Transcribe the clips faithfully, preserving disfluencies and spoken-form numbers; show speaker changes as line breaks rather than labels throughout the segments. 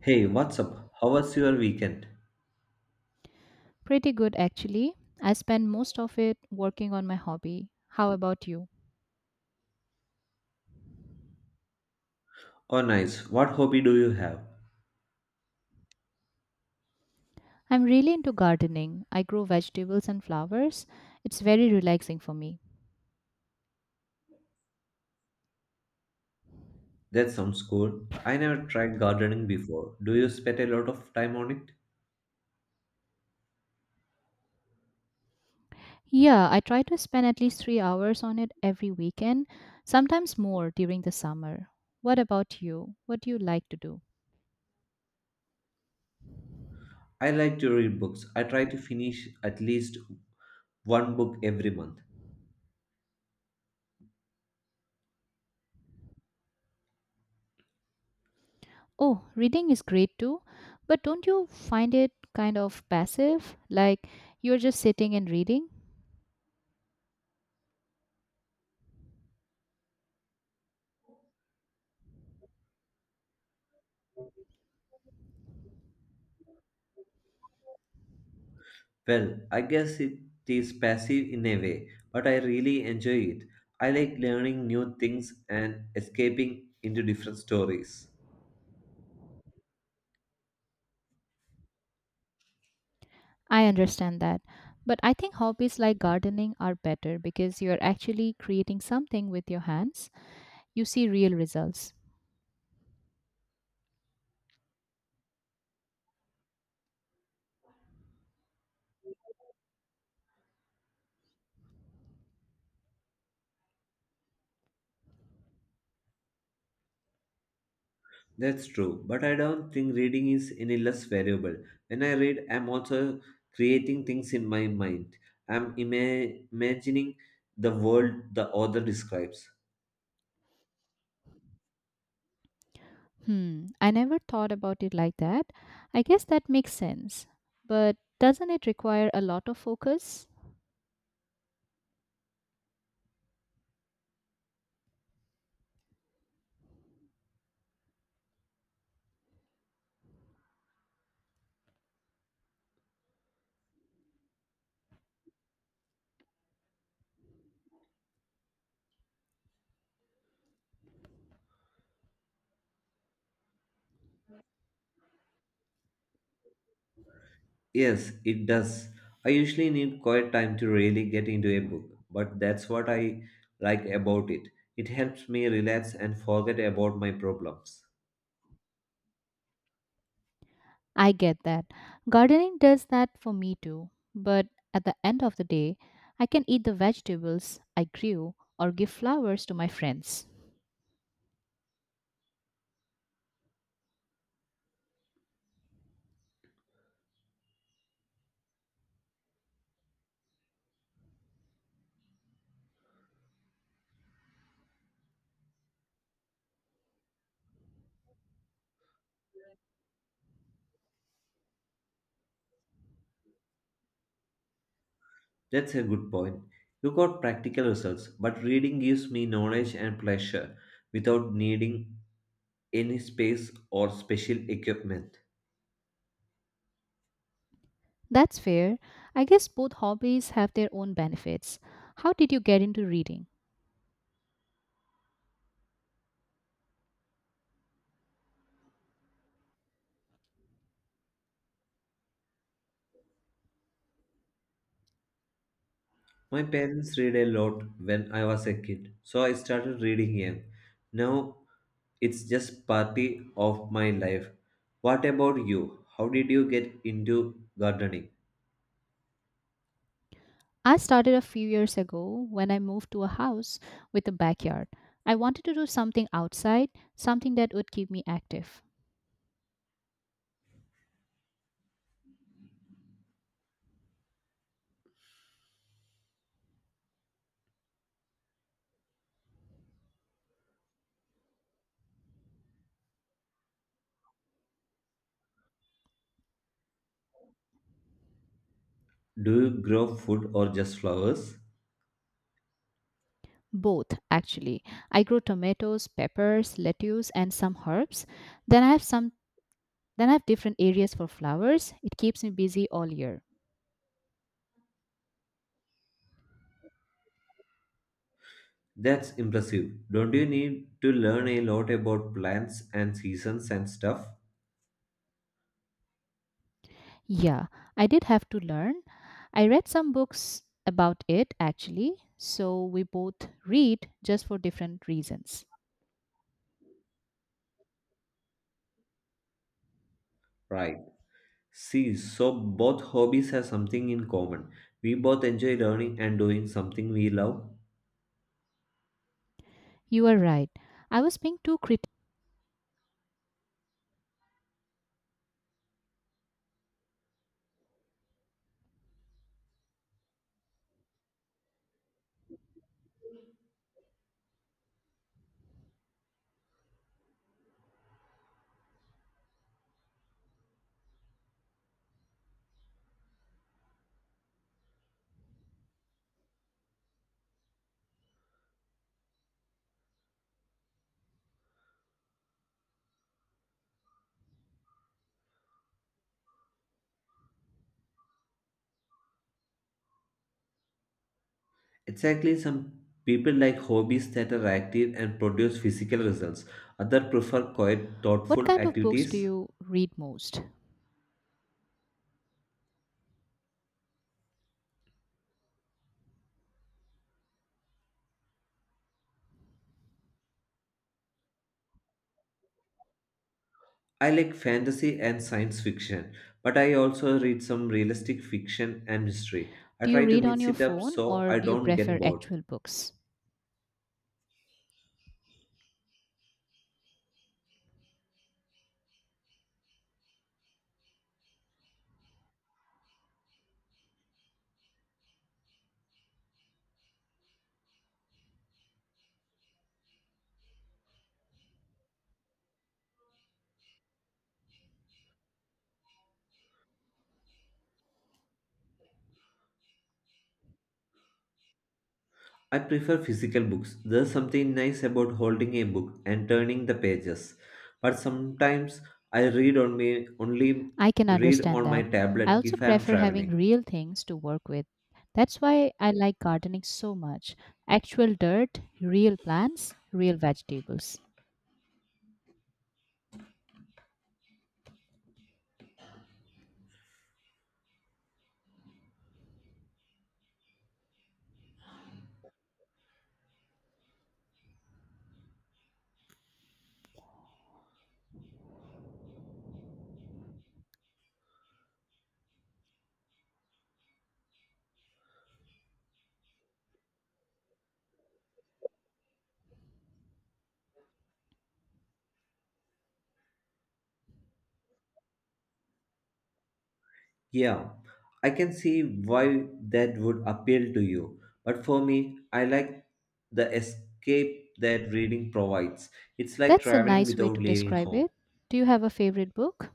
Hey, what's up? How was your weekend?
Pretty good, actually. I spend most of it working on my hobby. How about you?
Oh, nice. What hobby do you have?
I'm really into gardening. I grow vegetables and flowers. It's very relaxing for me.
That sounds cool. I never tried gardening before. Do you spend a lot of time on it?
Yeah, I try to spend at least three hours on it every weekend, sometimes more during the summer. What about you? What do you like to do?
I like to read books. I try to finish at least one book every month.
Oh, reading is great too, but don't you find it kind of passive? Like you're just sitting and reading?
Well, I guess it is passive in a way, but I really enjoy it. I like learning new things and escaping into different stories.
I understand that. But I think hobbies like gardening are better because you're actually creating something with your hands. You see real results.
That's true, but I don't think reading is any less valuable. When I read, I'm also creating things in my mind. I'm ima- imagining the world the author describes.
Hmm, I never thought about it like that. I guess that makes sense. But doesn't it require a lot of focus?
Yes, it does. I usually need quiet time to really get into a book, but that's what I like about it. It helps me relax and forget about my problems.
I get that. Gardening does that for me too. But at the end of the day, I can eat the vegetables I grew or give flowers to my friends.
That's a good point. You got practical results, but reading gives me knowledge and pleasure without needing any space or special equipment.
That's fair. I guess both hobbies have their own benefits. How did you get into reading?
My parents read a lot when I was a kid, so I started reading young. Now it's just part of my life. What about you? How did you get into gardening?
I started a few years ago when I moved to a house with a backyard. I wanted to do something outside, something that would keep me active.
Do you grow food or just flowers?
Both, actually. I grow tomatoes, peppers, lettuce, and some herbs. Then I have some then I have different areas for flowers. It keeps me busy all year.
That's impressive. Don't you need to learn a lot about plants and seasons and stuff?
Yeah, I did have to learn. I read some books about it actually, so we both read just for different reasons.
Right. See, so both hobbies have something in common. We both enjoy learning and doing something we love.
You are right. I was being too critical.
Exactly, some people like hobbies that are active and produce physical results. Others prefer quiet,
What
thoughtful
kind of books do
activities.
you read most?
I like fantasy and science fiction, but I also read some realistic fiction and mystery. I
Do you
try to
read on
mix
your
it up
phone
so
or
I
do you
don't get
prefer
bored.
actual books?
I prefer physical books. There's something nice about holding a book and turning the pages. But sometimes I read on me only
I can
read
understand
on my
that. I
tablet
also
if I am
prefer having
traveling.
real things to work with. That's why I like gardening so much. Actual dirt, real plants, real vegetables.
Yeah, I can see why that would appeal to you. But for me, I like the escape that reading provides. It's like
That's a
traveling
nice way
without
to
leaving
describe
home.
it. Do you have a favorite book?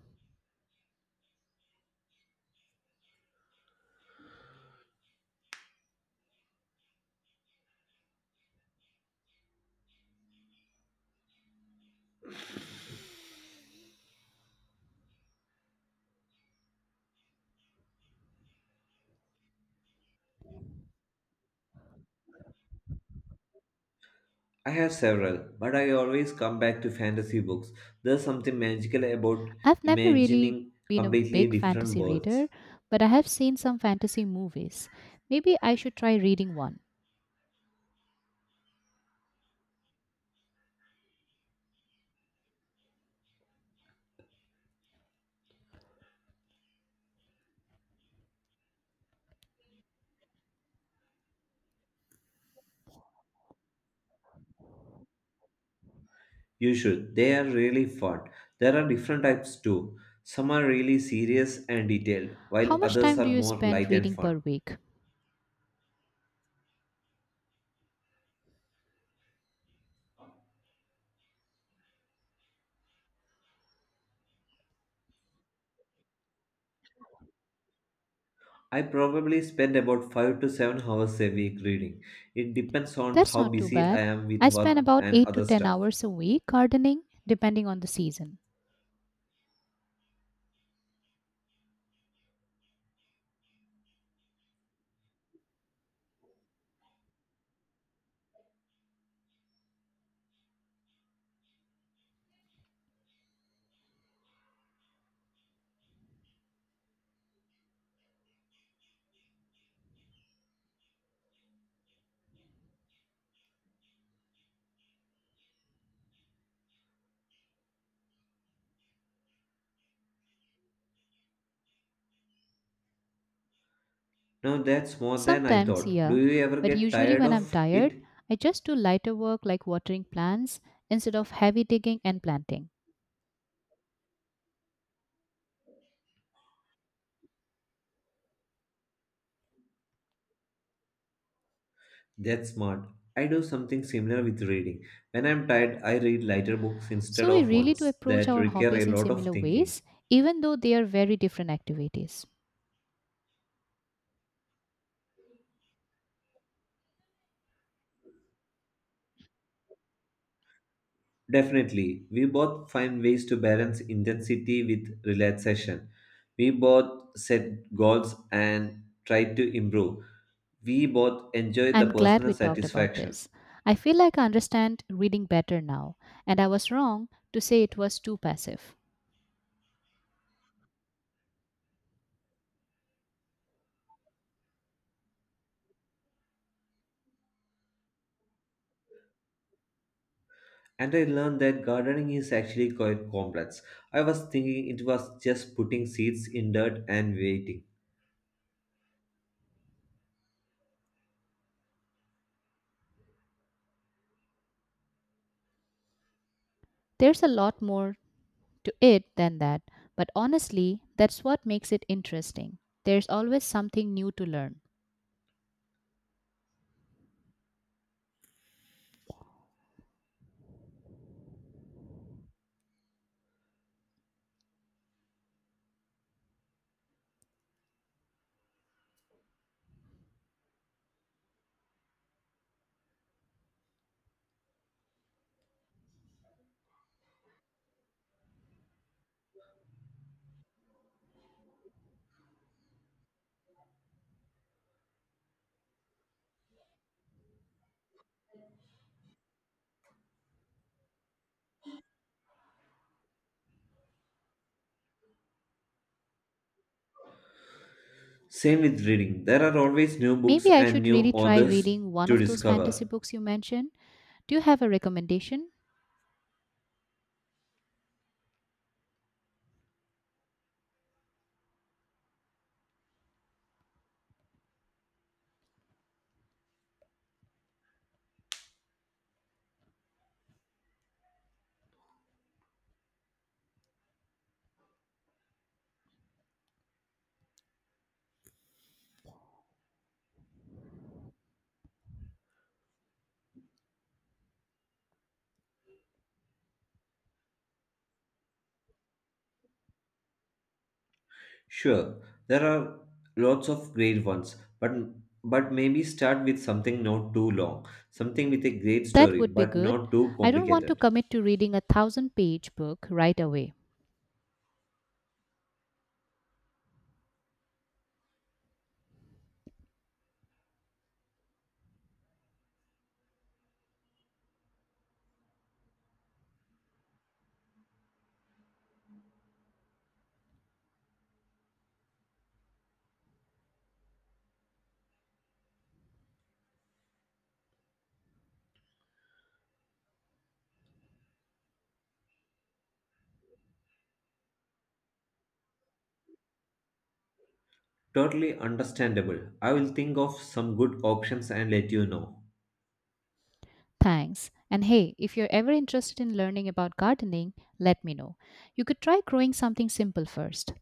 I have several, but I always come back to fantasy books. There's something magical about
I've never really
imagining
been a big
completely different
fantasy
worlds.
reader, but I have seen some fantasy movies. Maybe I should try reading one.
You should. They are really fun. There are different types too. Some are really serious and detailed,
How
while
much
others
time do
are
you
more
spend
light and
reading
fun.
per week?
I probably spend about five to seven hours a week reading. It depends on
That's
how
not too
busy I
bad.
am with
I spend
work
about
and
eight to
other
ten
stuff.
hours a week gardening, depending on the season.
Now that's more than I
Sometimes,
thought. Do
yeah,
you ever
but
get
usually
tired
when I'm
of
tired,
it?
I just do lighter work like watering plants instead of heavy digging and planting.
That's smart. I do something similar with reading. When I'm tired, I read lighter books instead
So we
of
really do
ones
approach
that
our
require a
hobbies in
lot of
similar
thinking.
ways, even though they are very different activities.
Definitely, we both find ways to balance intensity with relaxation. We both set goals and try to improve. We both enjoyed the
I'm glad
personal
we talked about
satisfaction,
this. I feel like I understand reading better now, and I was wrong to say it was too passive.
and I learned that gardening is actually quite complex. I was thinking it was just putting seeds in dirt and waiting.
There's a lot more to it than that, but honestly, that's what makes it interesting. There's always something new to learn.
Same with reading, there are always new books
Maybe I
and
should
new
really try
authors
reading one
to
of those fantasy
discover.
books you mentioned. Do you have a recommendation?
Sure, there are lots of great ones, but but maybe start with something not too long, something with a great
That
story,
would be
but
good.
not too
I don't want to
complicated.
commit to reading a thousand page book right away.
Totally understandable. I will think of some good options and let you know.
Thanks. And hey, if you're ever interested in learning about gardening, let me know. You could try growing something simple first.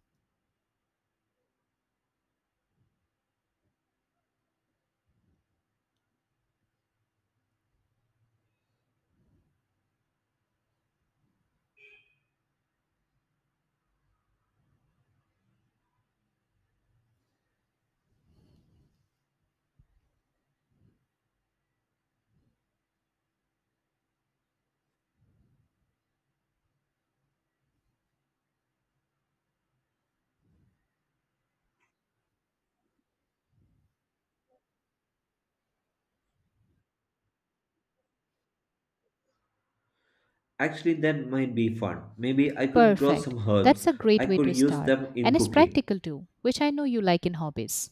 Actually, that might be fun. Maybe I could grow
Perfect.
some herbs.
That's a
I
great way
could
to
use
start.
them in
And it's
cooking.
practical too, which I know you like in hobbies.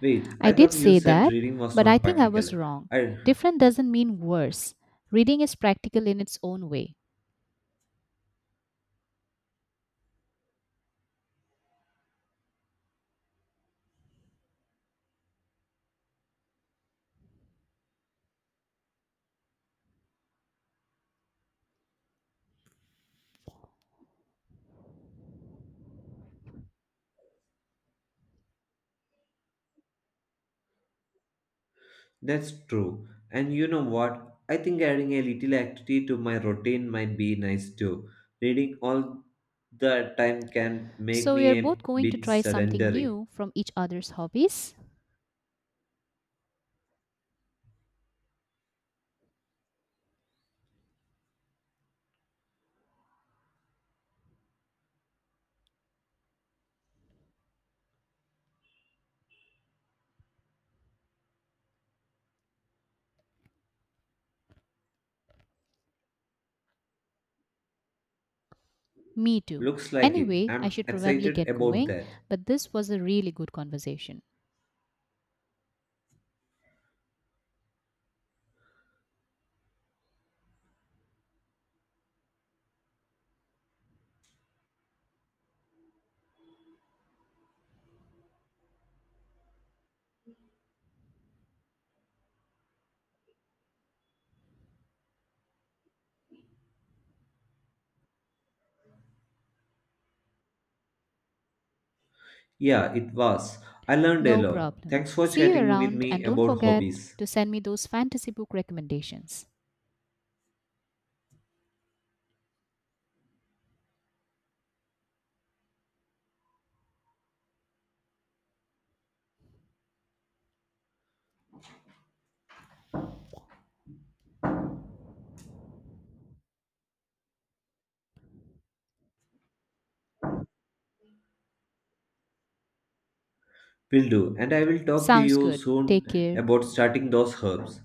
Wait, I
I did
thought you
say
said
that,
reading was
but I
not
think I was
practical.
wrong.
I,
Different doesn't mean worse. Reading is practical in its own way.
that's true. And you know what? I think adding a little activity to my routine might be nice too. Reading all the time can make
So, we are
me
both
a
going to
bit
try something
sedentary.
new from each other's hobbies? Me too.
Looks like it.
Anyway, I
I'm
should probably
excited
get
about
going,
that.
but this was a really good conversation.
Yeah, it was. I learned a
No
lot.
problem.
Thanks for
See you
chatting with
around
me
and don't
about
forget
hobbies.
to send me those fantasy book recommendations.
Will do. And I will talk to
Sounds
you
good. Take
soon
care.
about starting those herbs.